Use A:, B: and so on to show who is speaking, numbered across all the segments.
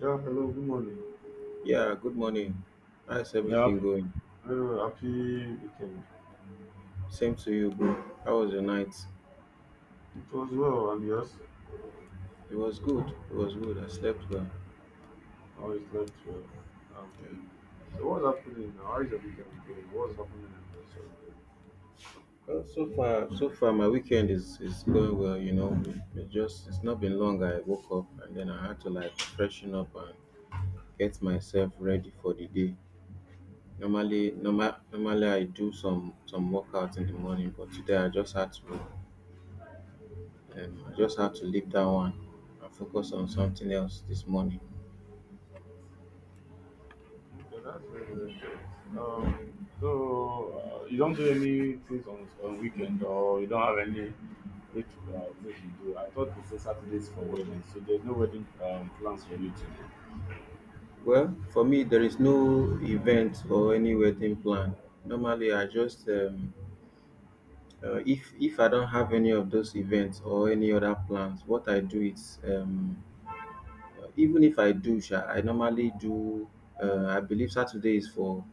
A: Yeah, hello, good morning.
B: Yeah, good morning. How's
A: Yeah,
B: everything going?
A: very well, happy weekend.
B: Same to you, bro. How was your night?
A: It was well, and yours?
B: It was good. It was good. I slept well.
A: How it slept well. Um,
B: Yeah.
A: so what's happening now? How is your weekend going? What's happening this your weekend?
B: Well, so far, my weekend is going well. It's not been long. I woke up and then I had to like freshen up and get myself ready for the day. Normally, I do some workouts in the morning, but today I just had to, I just had to leave that one and focus on something else this morning.
A: Okay, that's very, very nice. So you don't do any things on weekend or you don't have any which things you do. I thought they say Saturdays for wedding, so there's no wedding plans for you today.
B: Well, for me, there is no event or any wedding plan. Normally, I just if I don't have any of those events or any other plans, what I do is even if I do, sha, I normally do. I believe Saturday is for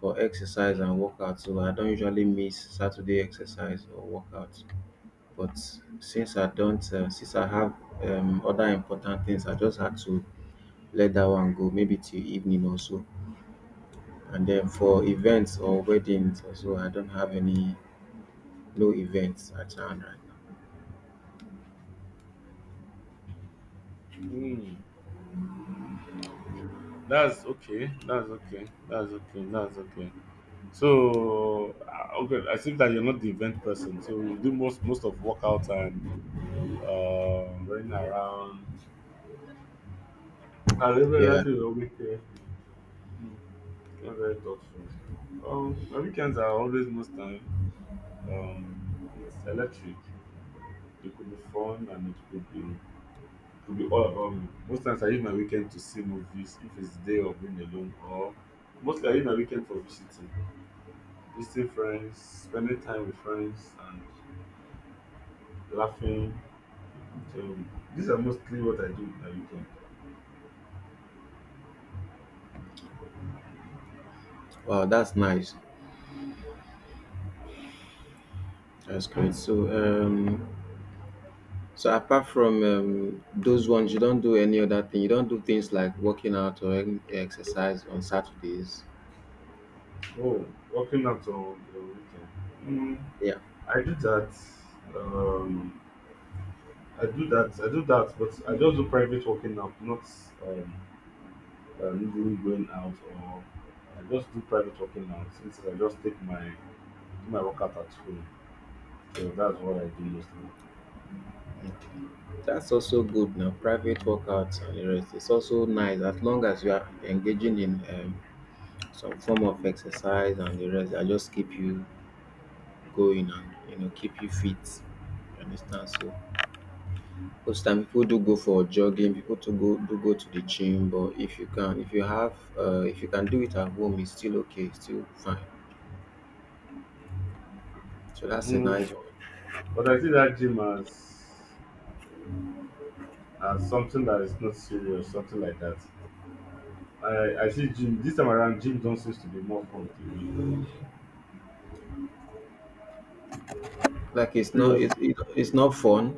B: for exercise and workout, so I don't usually miss Saturday exercise or workout. But since I don't, since I have other important things, I just had to let that one go, maybe till evening or so. And then for events or weddings also, I don't have any, no events at hand right now.
A: Hmm. That's okay. That's okay. That's okay. That's okay. Okay, I think that you're not the event person, so you do most of workout and running around. I remember
B: Yeah.
A: that is a weekend. Mm, that's very thoughtful. My weekends are always most time. It's electric. It could be fun and it could be all about me. Most times I use my weekend to see movies if it's day of being alone, or mostly I use my weekend for visiting, visiting friends, spending time with friends, and laughing. So these are mostly what I do at weekend.
B: Wow, that's nice. That's great. So, apart from those ones, you don't do any other thing. You don't do things like working out or any exercise on Saturdays.
A: Oh, working out on the weekend. Mm,
B: Yeah.
A: I do that. Um, I do that. I do that, but I just do private working out, not um, needing going out or I just do private working out. Since I just take my do my workout at home, so that's what I do mostly.
B: Okay. That's also good now. Private workouts and the rest. It's also nice as long as you are engaging in some form of exercise and the rest. I just keep you going and keep you fit. You understand? So most time people do go for jogging, people to go do go to the gym, but if you can do it at home, it's still okay, it's still fine. So that's a
A: Mm,
B: nice one.
A: but I see that gym as something that is not serious, something like that. I see gym this time around. Gym don't seems to be more fun to me
B: Like
A: previously.
B: it's not fun.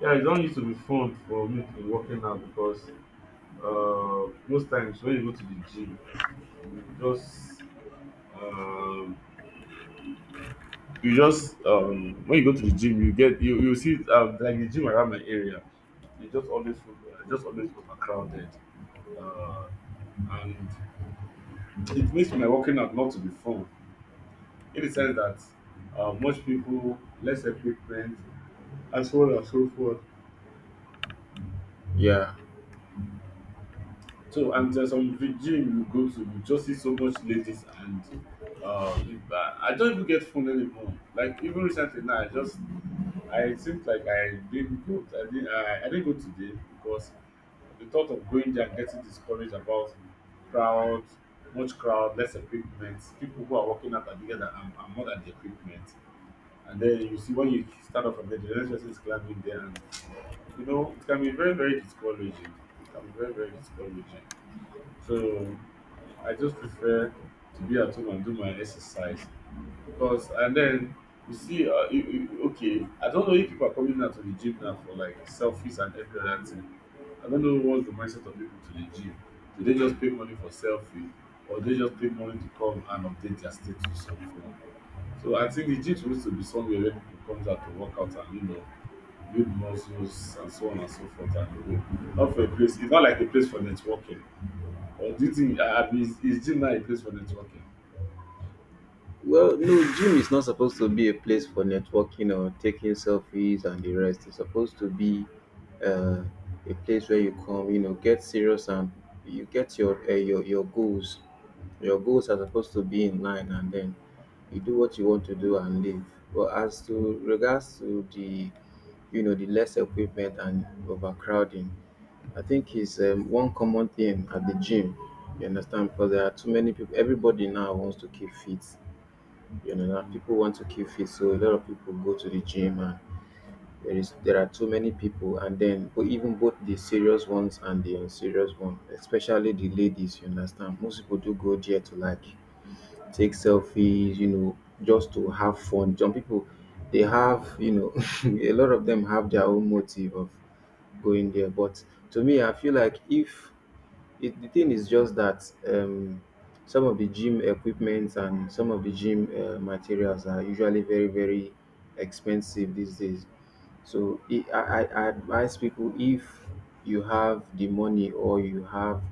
A: Yeah, it don't used to be fun for me in working out because most times when you go to the gym, you just um, you just when you go to the gym, you get you see like the gym around my area, it just always just always overcrowded, uh, and it makes my working out not to be fun in the sense that much people, less equipment, and so on and so forth.
B: Yeah.
A: So, and there's some gym you go to, you just see so much ladies, and it, I don't even get phone anymore. Like even recently now, I just I think like I didn't go. I didn't. I didn't go today because the thought of going there and getting discouraged about crowd, much crowd, less equipment, people who are working out are bigger than are more than the equipment. And then you see when you start off from there, the next person is climbing there, and you know it can be very, very discouraging. It can be very, very discouraging. So I just prefer to be at home and do my exercise because, and then you see, okay, I don't know if people are coming out to the gym now for like selfies and every other thing. I don't know what's the mindset of people to the gym. Do they just pay money for selfie or they just pay money to come and update their status on phone? So I think the gym supposed to be somewhere where people comes out to work out and you know build muscles and so on and so forth and go. Not for a place. It's not like a place for networking or do you think is gym now a place for networking?
B: Well, no, gym is not supposed to be a place for networking or taking selfies and the rest. It's supposed to be uh, a place where you come, get serious and you get your goals. Your goals are supposed to be in line, and then you do what you want to do and leave. But as to regards to the less equipment and overcrowding, I think is one common thing at the gym. You understand? Because there are too many people. Everybody now wants to keep fit, now
A: Mm.
B: people want to keep fit, so a lot of people go to the gym, and there are too many people. And then, but even both the serious ones and the unserious ones, especially the ladies, you understand, most people do go there to like take selfies, just to have fun. Some people, they have, a lot of them have their own motive of going there. But to me, I feel like if the thing is just that um, some of the gym equipment and some of the gym materials are usually very, very expensive these days. So I advise people, if you have the money or you have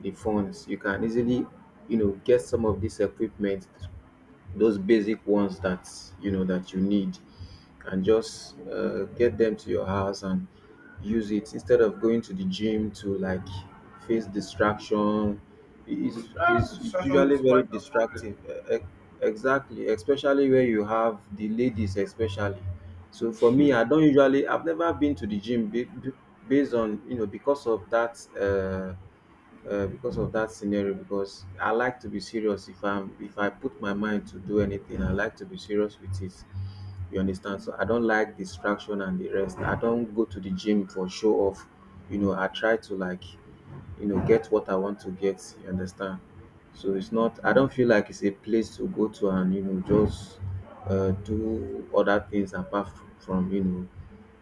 B: the funds, you can easily, get some of this equipment, those basic ones that you know that you need, and just get them to your house and use it instead of going to the gym to like face distraction.
A: Mm.
B: It's,
A: Ah,
B: it's, it's
A: distraction
B: usually
A: is quite
B: very
A: a problem.
B: distractive. E- e- Exactly, especially where you have the ladies, especially. So for me, I don't usually. I've never been to the gym based on you know because of that. Because of that scenario, because I like to be serious. If I'm if I put my mind to do anything, I like to be serious with it. You understand? So I don't like distraction and the rest. I don't go to the gym for show off. I try to like get what I want to get. You understand? So it's not, I don't feel like it's a place to go to and just do other things apart from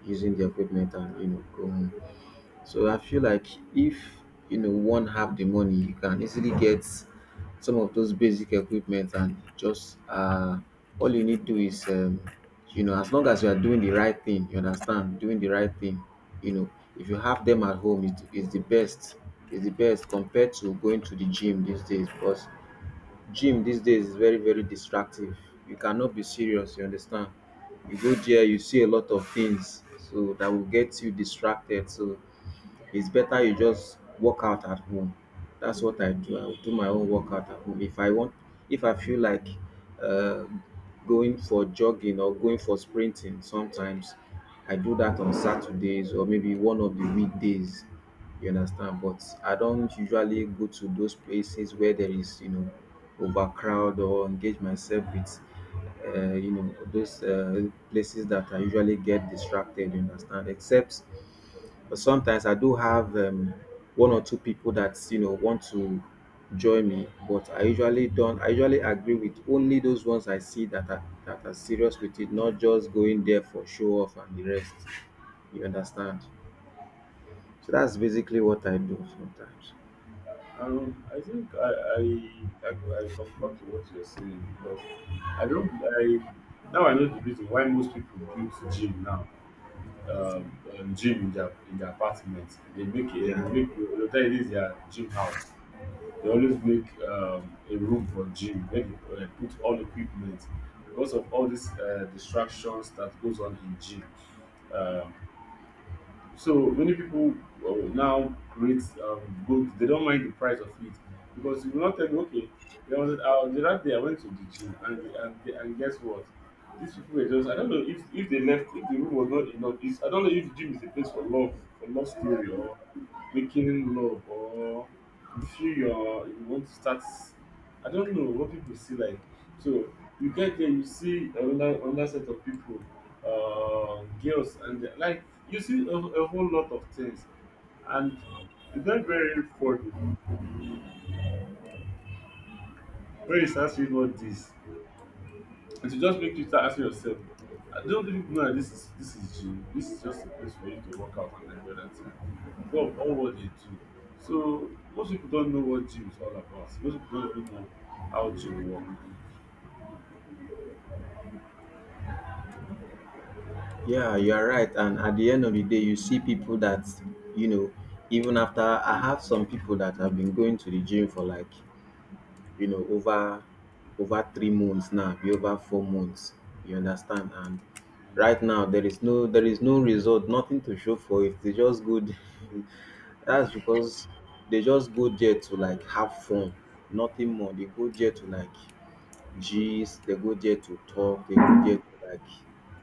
B: using the equipment and go home. So I feel like if one have the money, you can easily get some of those basic equipment, and just all you need to do is as long as you are doing the right thing, you understand, doing the right thing. You know if you have them at home, it is the best. It's the best compared to going to the gym these days, because gym these days is very very distractive. You cannot be serious. You understand? You go there, you see a lot of things so that will get you distracted. So it's better you just work out at home. That's what I do. I'll do my own workout at home. If I want, if I feel like uh, going for jogging or going for sprinting, sometimes I do that on Saturdays or maybe one of the weekdays. You understand? But I don't usually go to those places where there is, overcrowd, or engage myself with those places that I usually get distracted. You understand? Except but sometimes I do have one or two people that want to join me, but I usually don't. I usually agree with only those ones I see that are serious with it, not just going there for show off and the rest. You understand? So that's basically what I do sometimes.
A: I think I I concur to what you're saying because I don't I now I know the reason why most people build gym now. Gym in their apartments. They make
B: Yeah,
A: whether it is their gym house. They always make a room for gym where they put all equipment because of all these distractions that goes on in gym. Um, so many people now create gold they don't mind the price of it because you will not tell me okay there was the other day I went to the gym and and guess what these people were just I don't know if they left if the room was not enough it's, I don't know if the gym is a place for love story or making love or you feel your you want to start I don't know what people see like so you get there you see another set of people girls and like you see a whole lot of things and it's not very funny when you start seeing all this it will just make you start asking yourself. I don't think people know that this is gym. This is just a place for you to work out and everything God all what they do. So most people don't know what gym is all about. Most people don't even know how gym work.
B: yeah, you are right. And at the end of the day, you see people that you know. Even after, I have some people that have been going to the gym for like you know, over over 3 months now, be over 4 months. You understand? And right now there is no result, nothing to show for it. They just go there. That's because they just go there to like have fun, nothing more. They go there to like gist, they go there to talk, they go there to like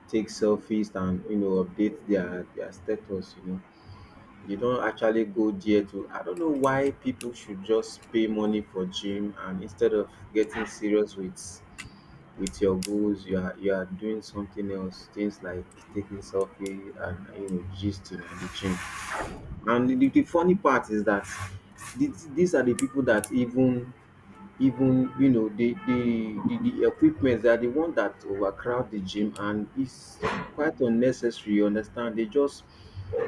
B: take selfies and update their status, you know. You don't actually go there to, I don't know why people should just pay money for gym, and instead of getting serious with your goals, you are doing something else, things like taking selfie and gisting at the gym. And the funny part is that these are the people that even even you know the equipment, they are the one that overcrowd the gym, and it's quite unnecessary. You understand? They just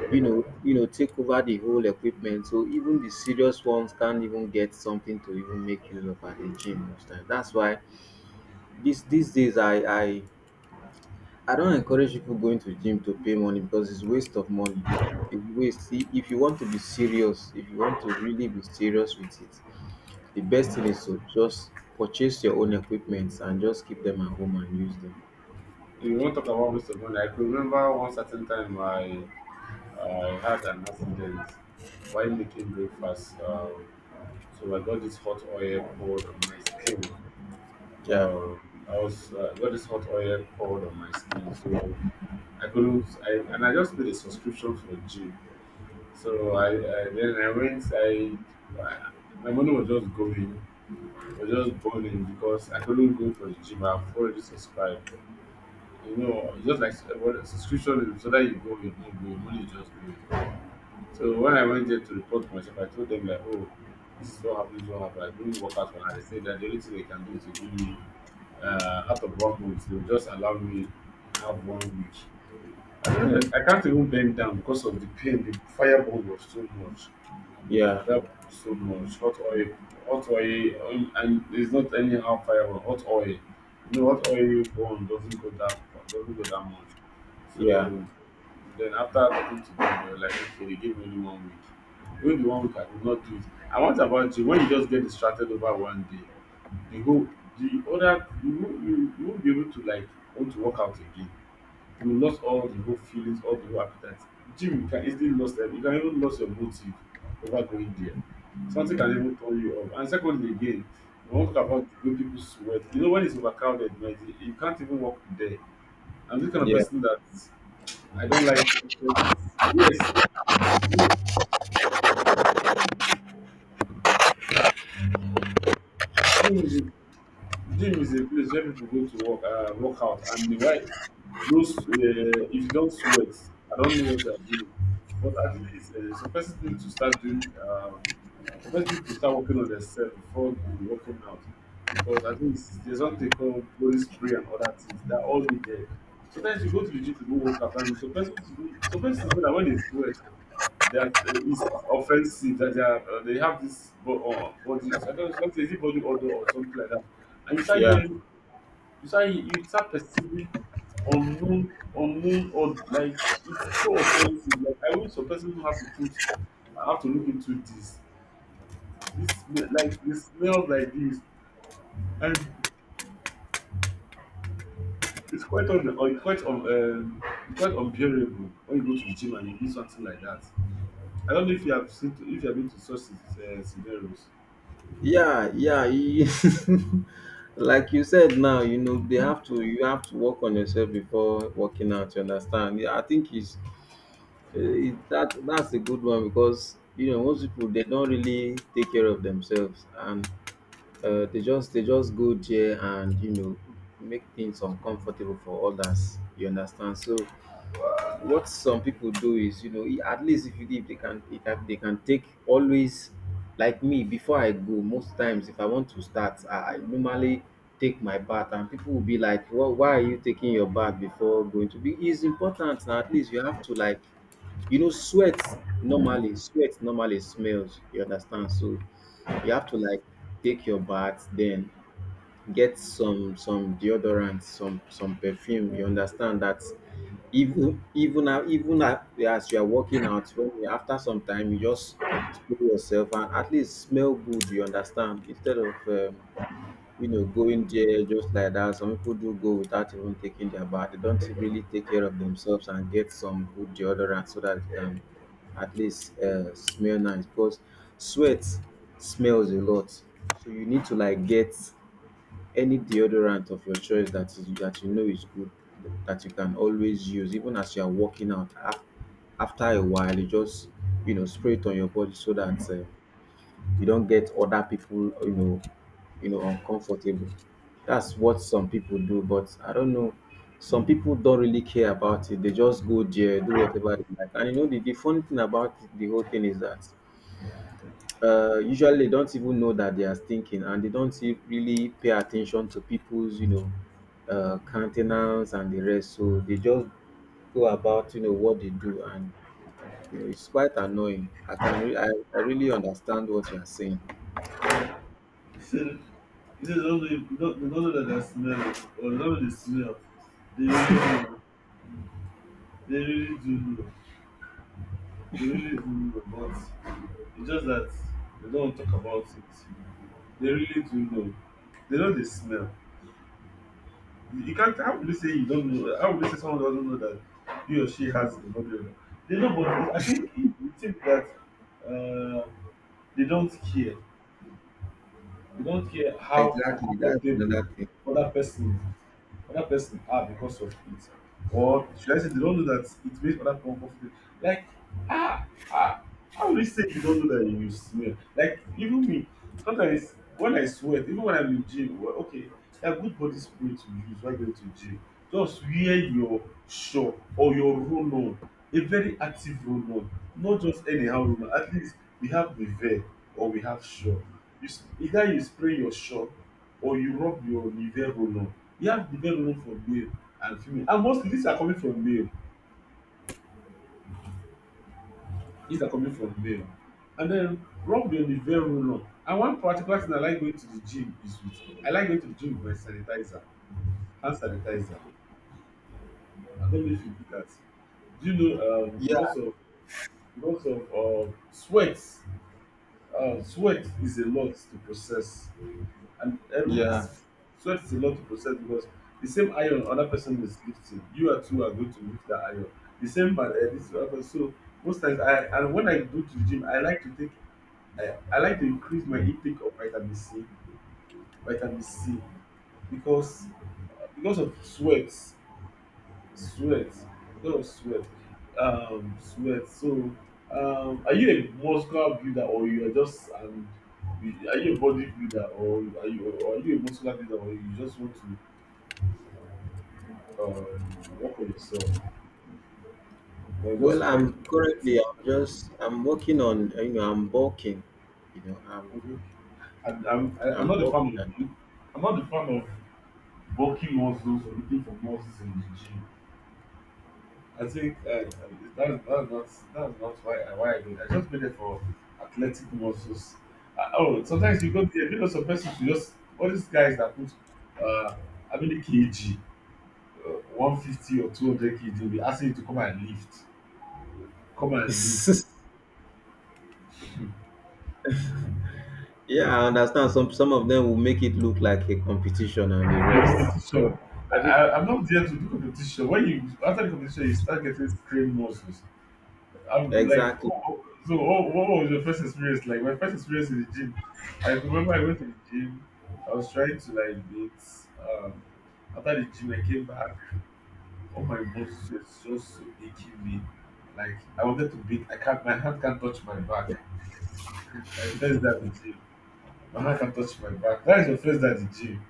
B: take over the whole equipment, so even the serious ones can't even get something to even make use of at the gym most time. That's why this these days I don't encourage people going to gym to pay money, because it's waste of money. It's waste. See, if you want to be serious if you want to really be serious with it, the best thing is to just purchase your own equipments and just keep them at home and use them.
A: If you want to talk about waste of money, I could remember one certain time I had an accident while making breakfast. So I got this hot oil poured on my skin.
B: Yeah,
A: I was got this hot oil poured on my skin, so I couldn't. I, and I just paid a subscription for gym. So I then I went. I my money was just going, was just burning because I couldn't go for the gym. I've already subscribed. You know, it's just like what subscription is whether you go or you don't go, your money is just going. So when I went there to report myself, I told them like, oh, this is what happened, this is what happened. I couldn't work out for now. They said that the only thing they can do is to give me out of one month, they will just allow me have one week. I don't know, I can't even bend down because of the pain. The fireball was too much.
B: yeah,
A: That was so much hot oil, and it's not anyhow fire but hot oil. You know, hot oil you burn doesn't go that doesn't go that much.
B: yeah,
A: So then after talking to them, they were like, okay, they gave me only one week. Even the one week I could not do it. And what about you? When you just get distracted over one day, the whole the other you you won't be able to like want to work out again you lost all the whole feelings, all the whole appetite. Gym you can easily lose them. You can even lose your motive over going there. Something can even turn you off. And secondly, again, we won't talk about when people sweat. You know, when it's overcrowded, like, you can't even walk there. I'm this kind of
B: yeah,
A: person that I don't like. Yes, gym, gym, gym is a place where people go to work, work out, and the why those if you don't sweat, I don't know what you are doing. But at least some persons need to start doing the first need to start working on themselves before the working out. Because at least there's something called body spray and other things that all be there. Sometimes you go to the gym to go work out and some persons some persons know that when they sweat that it's offensive that they are they have this body. So I don't know is it body odor or something like that. And you start
B: yeah,
A: hearing you start perceiving unknown or like it's so offensive. Like I wish some person don't have to put I have to look into this. This smell- like it smells like this, and it's quite un, or it's quite un, it's quite unbearable when you go to the gym and you do something like that. I don't know if you have seen, to, if you have been to such scenarios.
B: yeah, yeah. Like you said now, they have to. You have to work on yourself before working out. You understand? Yeah, I think it's eh, it, that that's a good one because you know most people they don't really take care of themselves and they just go there and you know make things uncomfortable for others, you understand. So what some people do is you know at least if you if they can if I- they can take always. Like me, before I go most times, if I want to start, I normally take my bath and people will be like, well, why are you taking your bath before going to be, it's important now. At least you have to like, you know, sweat, normally sweat normally smells, you understand. So you have to like take your bath then get some deodorant, some perfume, you understand that. As you are working out, after some time you just spray yourself and at least smell good, you understand, instead of you know, going there just like that. Some people do go without even taking their bath. They don't really take care of themselves and get some good deodorant so that they can at least smell nice, because sweat smells a lot. So you need to like get any deodorant of your choice that is, that you know is good, that you can always use. Even as you are working out, after a while, you just, you know, spray it on your body, so that you don't get other people, you know, you know, uncomfortable. That's what some people do, but I don't know. Some people don't really care about it. They just go there, do whatever they like. And you know, the funny thing about the whole thing is that usually they don't even know that they are thinking, and they don't really pay attention to people's, you know, countenance and the rest. So they just go about, you know, what they do. And, you know, it's quite annoying. I can, I really understand what you are saying.
A: He said, he said, they don't know, if- they don't know that they are smell, or they don't know they smell. They really know. They really do know. They really do know, but it's just that they don't talk about it. They really do know. They know they smell. You can't. How will you say you don't know? How will you say someone doesn't know that he or she has a problem? They know, but I think you think that uh, they don't care. They don't care how
B: Exactly. That's
A: uncomfortable
B: another thing.
A: other person is other person are because of it. Or should I say they don't know that it makes other people uncomfortable? Like, ah, ah, how will you say you don't know that you smell? Like, even me, sometimes when I sweat, even when I'm in gym, well, okay, that good body spray to use while going to gym. Just wear your shop or your roll on, a very active roll on, not just anyhow roll on. At least we have the veil or we have shop. Either you spray your shop or you rub your Nivea roll on. You have to get room for male and female, and mostly these are coming from male, and then rub your Nivea roll on, the veil roller. And one particular thing I like going to the gym with my sanitizer, hand sanitizer. I don't know if you do that. Do you know,
B: Yeah.
A: because of lots of sweat, sweat is a lot to process. And every
B: Yeah.
A: sweat is a lot to process because the same iron other person is lifting, you are too are going to lift that iron, the same bad this other person. So most times I and when I go to the gym I like to take, I like to increase my intake of vitamin C, vitamin C, because because of sweat, sweat, because of sweat, sweat. So are you a muscular builder, or you are just? And Are you a bodybuilder, or are you, or are you a muscular builder or you just want to work on yourself? You're
B: Well,
A: just trying to get it.
B: I'm working on, you know, I'm bulking, you know,
A: Mhm. And I'm
B: I'm
A: not a fan
B: bulking.
A: of, I'm not a fan of bulking muscles or looking for muscles in the gym. I think that's not that's not why I why I do it. I just made it for athletic muscles. Oh, Sometimes you go there, you know, some persons you just, all these guys that put uh, how many kg, uh, 150 or 200 kg, they be asking you to come and lift, come
B: And
A: and lift.
B: Yeah, I understand. Some of them will make it look like a competition, and the
A: The
B: rest,
A: competition.
B: everybody.
A: I'm not there to do competition. When you after the competition, you start getting strained muscles. I'm like,
B: Exactly.
A: oh, oh, so what was your first experience like? My first experience in the gym. I remember I went to the gym. I was trying to like beat. Um, After the gym, I came back. All my muscles were just so aching me. Like I wanted to beat. I can't. My hand can't touch my back. My first day at the gym. My hand can't touch my back. That is your first day at the gym.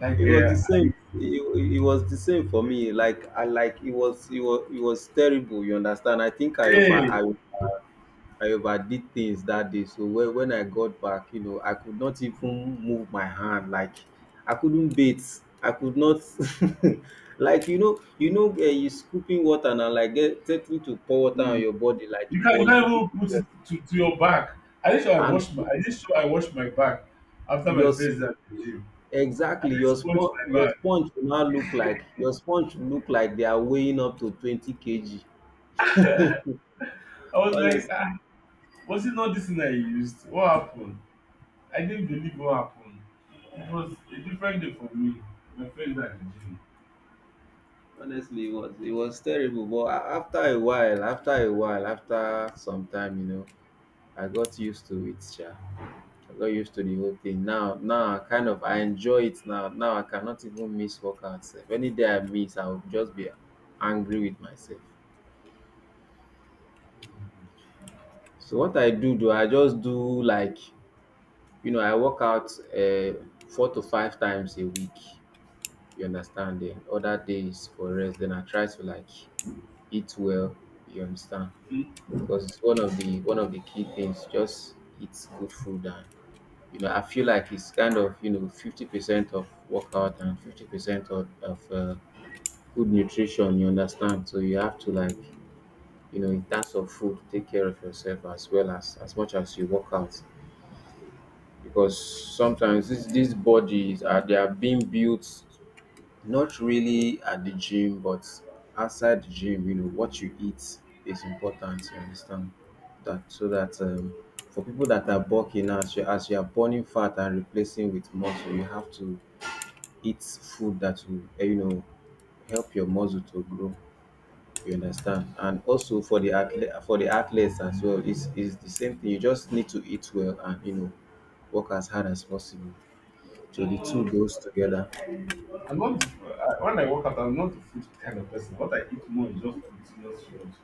A: Like
B: It was the same. It was the same for me. Like I like it was it was terrible. You understand? I think
A: hey.
B: I over, I overdid things that day. So when I got back, you know, I could not even move my hand. Like I couldn't bait. I could not. Like, you know, you know, you scooping water now, like get taking to pour water on
A: Mm.
B: your body, like it
A: You
B: was
A: can't even put
B: difficult.
A: it to your back.
B: And
A: I did sure I washed my back after my
B: your
A: first day at the gym. I
B: exactly,
A: did
B: your
A: sponge
B: sponge,
A: my
B: your
A: back.
B: sponge will now look like, your sponge will look like they are weighing up to 20 kg.
A: I was like,
B: Honestly,
A: ah, was it not this thing I used? What happened? I didn't believe what happened. It was a different day for me. My first day at the
B: honestly it was, it was terrible. But after a while, after a while after some time, you know, I got used to it sha. I got used to the whole thing. Now, now I kind of, I enjoy it now. Now I cannot even miss workouts sef. Any day I miss, I will just be angry with myself. So what I do, do I just do like, you know, I work out four to five times a week. You understand? Then other days for rest. Then I try to like eat well. You understand?
A: gym.
B: Because it's one of the, one of the key things. Just eat good food and you know, I feel like it's kind of, you know, 50% of workout and 50% of good nutrition. You understand? So you have to like, you know, in terms of food, take care of yourself as well, as much as you work out, because sometimes this these bodies are, they are being built not really at the gym, but outside the gym. You know, what you eat is important. You understand that. So that for people that are bulking, as you are burning fat and replacing with muscle, you have to eat food that will you know, help your muscle to grow, you understand. And also for the athlete, for the athletes as well, it's the same thing. You just need to eat well, and you know, work as hard as possible. So the two
A: Mm-mm.
B: goes together.
A: I'm not the, I, When I work out, I'm not the food kind of person. What I eat more is just proteinous food.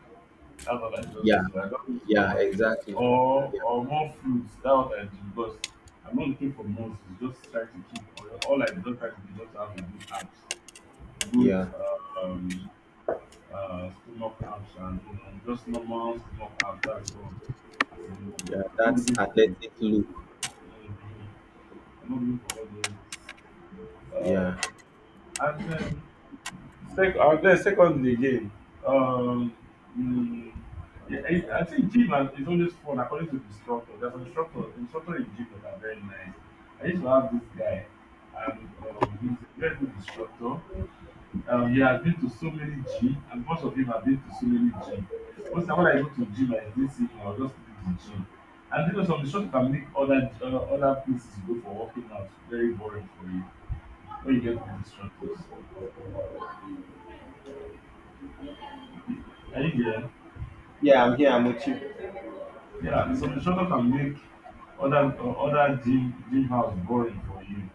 A: That's what I just
B: Yeah,
A: do. I don't eat
B: yeah,
A: much.
B: exactly.
A: Or
B: Yeah,
A: or more fruits. That's what I do because I'm not looking for most. It's just try to keep all I just try to do is just have a good abs, good
B: yeah,
A: um stomach abs, and you know, just normal stomach abs. That's all. As a I'm
B: yeah.
A: Not
B: That's
A: looking for.
B: athletic look.
A: Mm, I'm not looking for all those. Uh,
B: Yeah.
A: and then then secondly again, um, mm, yeah, I think is always fun according to the instructor. There's an instructor in gym that are very nice. I used to have this guy, and he's a very good instructor. He has been to so many gym, and most of him have been to so many gym. Most time when I go to gym, I didn't see him. I will just leave the gym. And you know, some instructor can make other other places you go for working out very boring for you, when you get good instructors. Are you there?
B: Yeah, I'm here. I'm with you.
A: Yeah, the solution can make other gym house boring for you.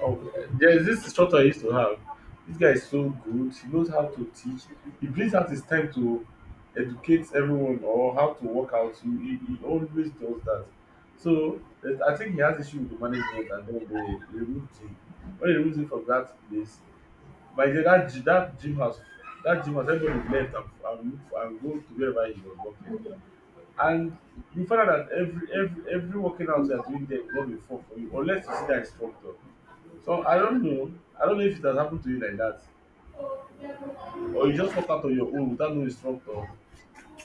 A: Oh, there's this instructor I used to have. This guy is so good. He knows how to teach. He plays out his time to educate everyone or how to work out. He always does that. So eh, I think he has issue with the management and then they removed him. When they removed him from that place, by the that gym house, everybody left moved- and go to wherever he was working. And you find out that every working out you are doing there will not be fun for you unless you see that instructor. So I don't know. I don't know if it has happened to you like that. Or you just work out on your own without no instructor.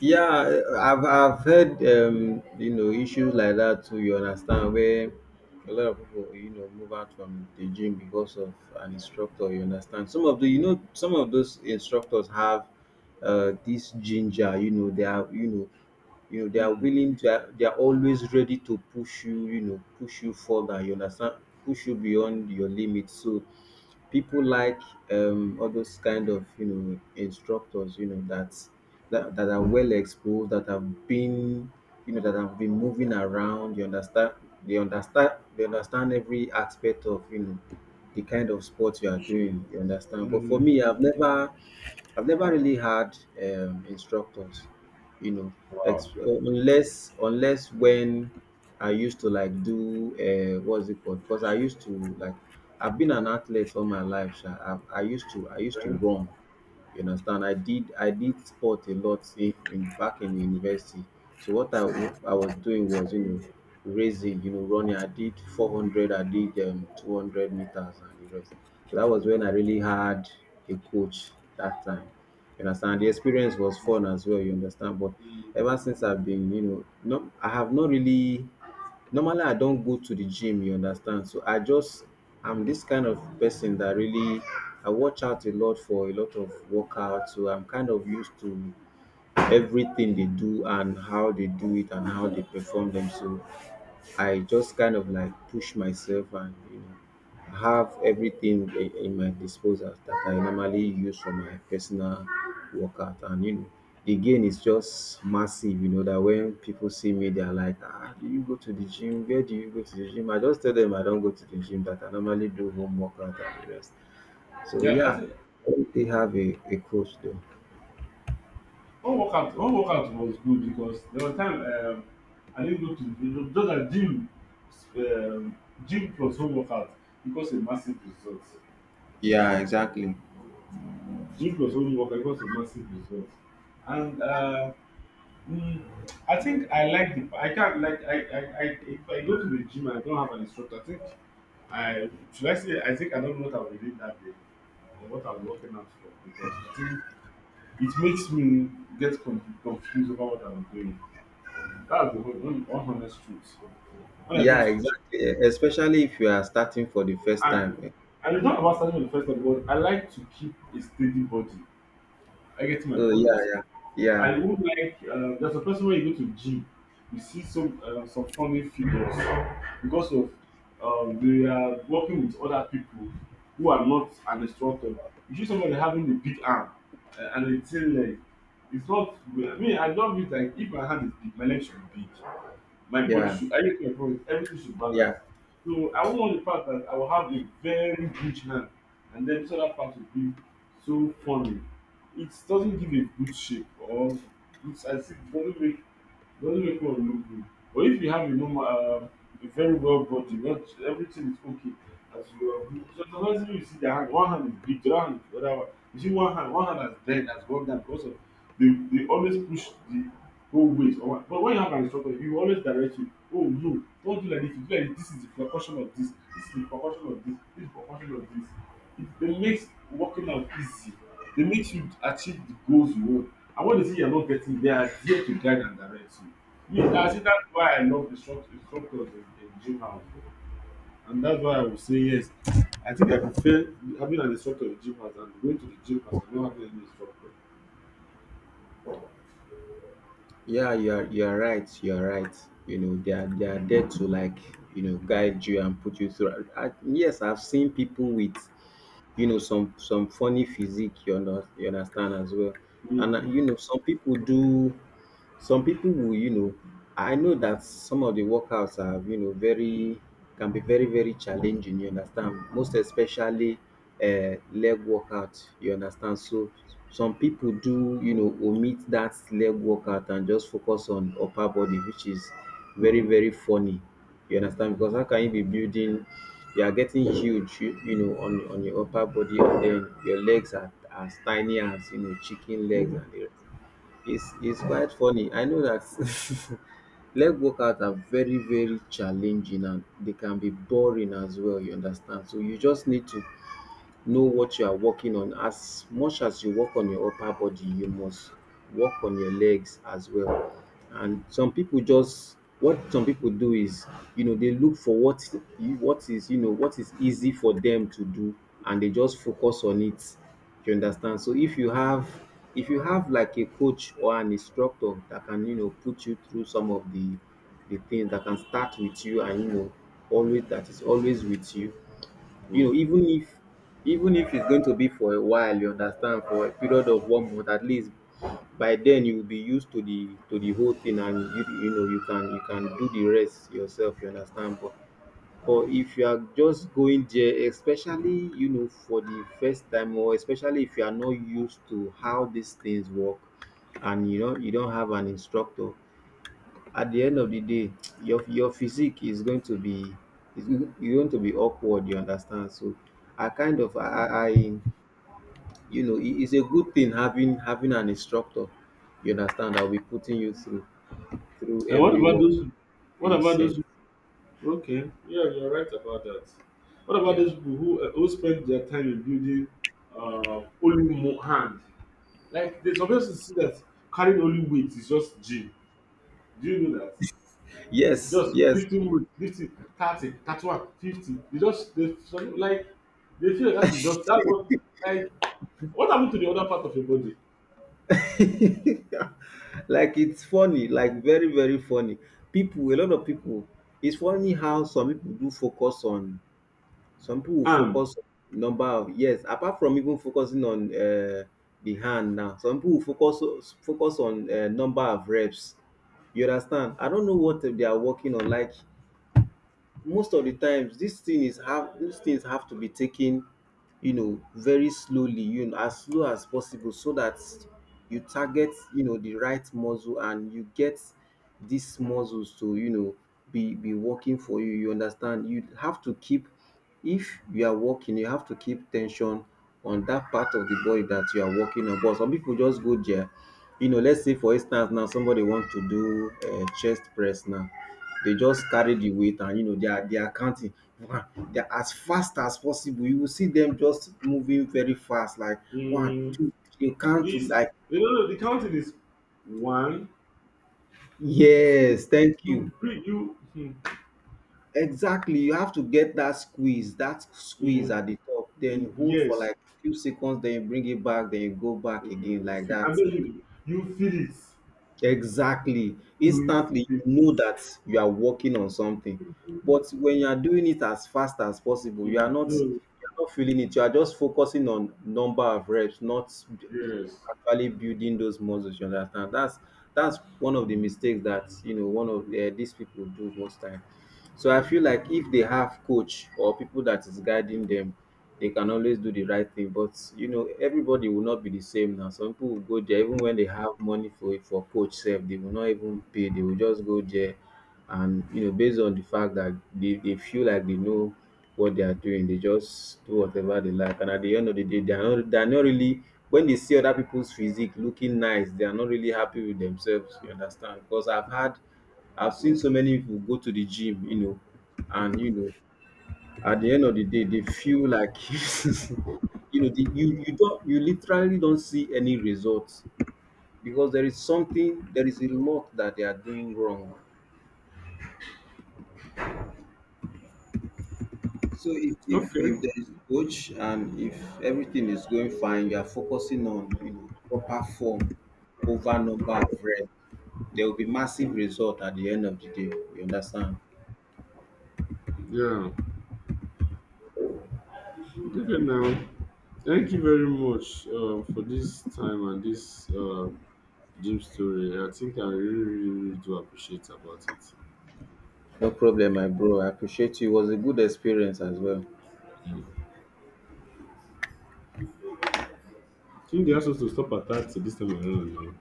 B: Yeah, I've heard you know, issues like that too. You understand, where a lot of people, you know, move out from the gym because of an instructor. You understand, some of the, you know, some of those instructors have this ginger. You know, they are, you know, you know, they are
A: Mm.
B: willing to, they are always ready to push you, you know, push you further. You understand, push you beyond your limits. So people like all those kind of, you know, instructors, you know that, that are well exposed, that have been, you know, that have been moving around, you understand. They understand every aspect of, you know, the kind of sport you are doing, you understand. But for
A: Mm.
B: me, I've never I've never really had instructors, you know,
A: Wow.
B: unless when I used to like do, what's it called? Because I used to like, I've been an athlete all my life. Sha. I used to
A: Okay.
B: run. You understand? I did sport a lot in back in university. So what I was doing was, you know, racing, you know, running. I did 400, I did 200 meters and the rest. So that was when I really had a coach that time. You understand? The experience was fun as well. You understand? But
A: Mm.
B: ever since, I've been, you know, no, I have not really. Normally I don't go to the gym, you understand. So I just, I'm this kind of person that really, I watch out a lot for a lot of workout, so I'm kind of used to everything they do and how they do it and how they perform them. So I just kind of like push myself, and you know, have everything in my disposal that I normally use for my personal workout. And you know, the gain is just massive, you know, that when people see me, they're like, ah, do you go to the gym? Where do you go to the gym? I just tell them I don't go to the gym, that I normally do home workout and the rest. So
A: Yeah, I
B: yeah,
A: think
B: I don't really have a coach though.
A: one workout was good because there was time, I didn't go to, you know, just a gym, um, gym plus home workout, because a massive result.
B: Yeah, exactly.
A: Gym plus home workout because a massive result. And Mm, I think I like the I can't like I if I go to the gym and I don't have an instructor, I think I think I don't know what I will read that day or what I'm working out for, because I think it makes me get confused about what I'm doing. That's the whole one honest truth. When I go to
B: Yeah,
A: the gym,
B: exactly. Especially if you are starting for the first
A: and,
B: time. Eh.
A: and it's not about starting with the first time, but I like to keep a steady body. I get my
B: Oh yeah,
A: point.
B: yeah, yeah.
A: I would like, there's a person when you go to gym, you see some funny figures because of, they are working with other people who are not an instructor. You see somebody having a big arm, and a thin leg. It's not, I mean, I love it. Like if my hand is big, my leg should be big. My body
B: Yeah,
A: should I need my body, everything should
B: yeah,
A: balance, so I want the part that I will have a very huge hand, and then this other part will be so funny. It doesn't give a good shape or good size. It doesn't make Doesn't make one look good. But if you have a normal, a very well body, not everything is okay. As you are, so sometimes you see the hand, one hand is big, the other hand is the other one. You see one hand has bent, has gone down because of, they always push the whole weight. Or what- but when you have an instructor, he will always direct you. Oh no, don't do like this. If you do like this is the proportion of this. This is the proportion of this. This is the percussion of this. It makes working out easy. It makes you achieve the goals you want. And when they say you're not getting, they are there to guide and direct you. Me, that's it. That's why I love instructors in gym house. And that's why I would say yes. I think I prefer having an instructor in gym house than going to the gym house and not having any instructor.
B: yeah. You're right. You're right. You know, they are there to like, you know, guide you and put you through. I, yes, I've seen people with, you know, some funny physique, you, you understand as well. And
A: Mm-hmm.
B: you know, some people will, you know, I know that some of the workouts are, you know, very, can be very, very challenging, you understand, most especially leg workout, you understand. So some people do, you know, omit that leg workout and just focus on upper body, which is very, very funny. You understand? Because how can you be building? You are getting huge, you know, on your upper body, and then your legs are as tiny as, you know, chicken legs, and the rest. It's it's quite funny. I know that. Leg workouts are very, very challenging, and they can be boring as well. You understand? So you just need to know what you are working on. As much as you work on your upper body, you must work on your legs as well. And some people just, what some people do is, you know, they look for what, you know, what is easy for them to do, and they just focus on it. You understand? So if you have, like a coach or an instructor that can, you know, put you through some of the, things that can start with you, and you know, always that is always with you, you know.
A: Mm.
B: Even if, it's going to be for a while, you understand, for a period of 1 month at least, by then you will be used to the, whole thing, and you know, you can, do the rest yourself. You understand? But if you are just going there, especially, you know, for the first time, or especially if you are not used to how these things work, and you know, you don't have an instructor, at the end of the day, your physique is going to be is you're going to be awkward. You understand? So I kind of, you know, it's a good thing having, an instructor. You understand? I'll be putting you through,
A: And what
B: every
A: about
B: work
A: those? What
B: we
A: about
B: set.
A: those? Okay. Yeah, you're right about that. What about
B: Yeah.
A: those people who spend their time in building only hand? Like there's obviously see that carrying only weight is just gym. Do you know that?
B: Yes.
A: Just
B: Yes.
A: 15 weeks 50 30 31 50, they just they some like they feel like that is just that was like, what happened to the other part of your body?
B: Like, it's funny. Like very, very funny. People. A lot of people. It's funny how some people do focus on, some people will
A: um
B: focus on number of, yes, apart from even focusing on the hand now, some people will focus on number of reps. You understand? I don't know what they are working on. Like most of the times this thing is, have, these things have to be taken, you know, very slowly, you know, as slow as possible, so that you target, you know, the right muscle, and you get these muscles to, you know, be working for you, you understand. You have to keep, if you are working, you have to keep tension on that part of the body that you are working on. But some people just go there, you know, let's say for instance now, somebody want to do chest press now, they just carry the weight, and you know, they are counting one, they are as fast as possible. You will see them just moving very fast, like one
A: mm,
B: two three you count to
A: is,
B: like,
A: no no no, the counting is 1 2,
B: yes, thank
A: you
B: you.
A: breathe you.
B: Exactly, you have to get that squeeze, that squeeze
A: Mm,
B: at the top, then
A: mm,
B: you hold for
A: yes.
B: like few seconds, then you bring it back, then you go back
A: mm,
B: again, like
A: I
B: that.
A: believe you feel it.
B: Exactly.
A: You will
B: Instantly,
A: feel it.
B: you know that you are working on something. But when you are doing it as fast as possible, you are not,
A: No.
B: feeling it. You are just focusing on number of reps, not
A: Yes.
B: actually building those muscles. You understand? That's one of the mistakes that, you know, one of these people do most time. So I feel like if they have coach or people that is
A: Mm.
B: guiding them, they can always do the right thing. But you know, everybody will not be the same now. Some people will go there even when they have money for coach self, they will not even pay. They will just go there, and you know, based on the fact that they, feel like they know what they are doing, they just do whatever they like. And at the end of the day, they are not really, when they see other people's physique looking nice, they are not really happy with themselves. You understand? Because I've seen so many people go to the gym, you know, and you know, at the end of the day, they feel like, you know, you don't, you literally don't see any results, because there is something, there is a lot that they are doing wrong. So if
A: Okay.
B: there is coach and if everything is going fine, you are focusing on, you know, proper form over number of reps. There will be massive result at the end of the day. You understand?
A: Yeah. Okay, now. Thank you very much for this time and this gym story. I think I really, really, really do appreciate about it.
B: No problem, my bro. I appreciate you. It was a good experience as well.
A: Mm. I think they asked us to stop at 30 this time around.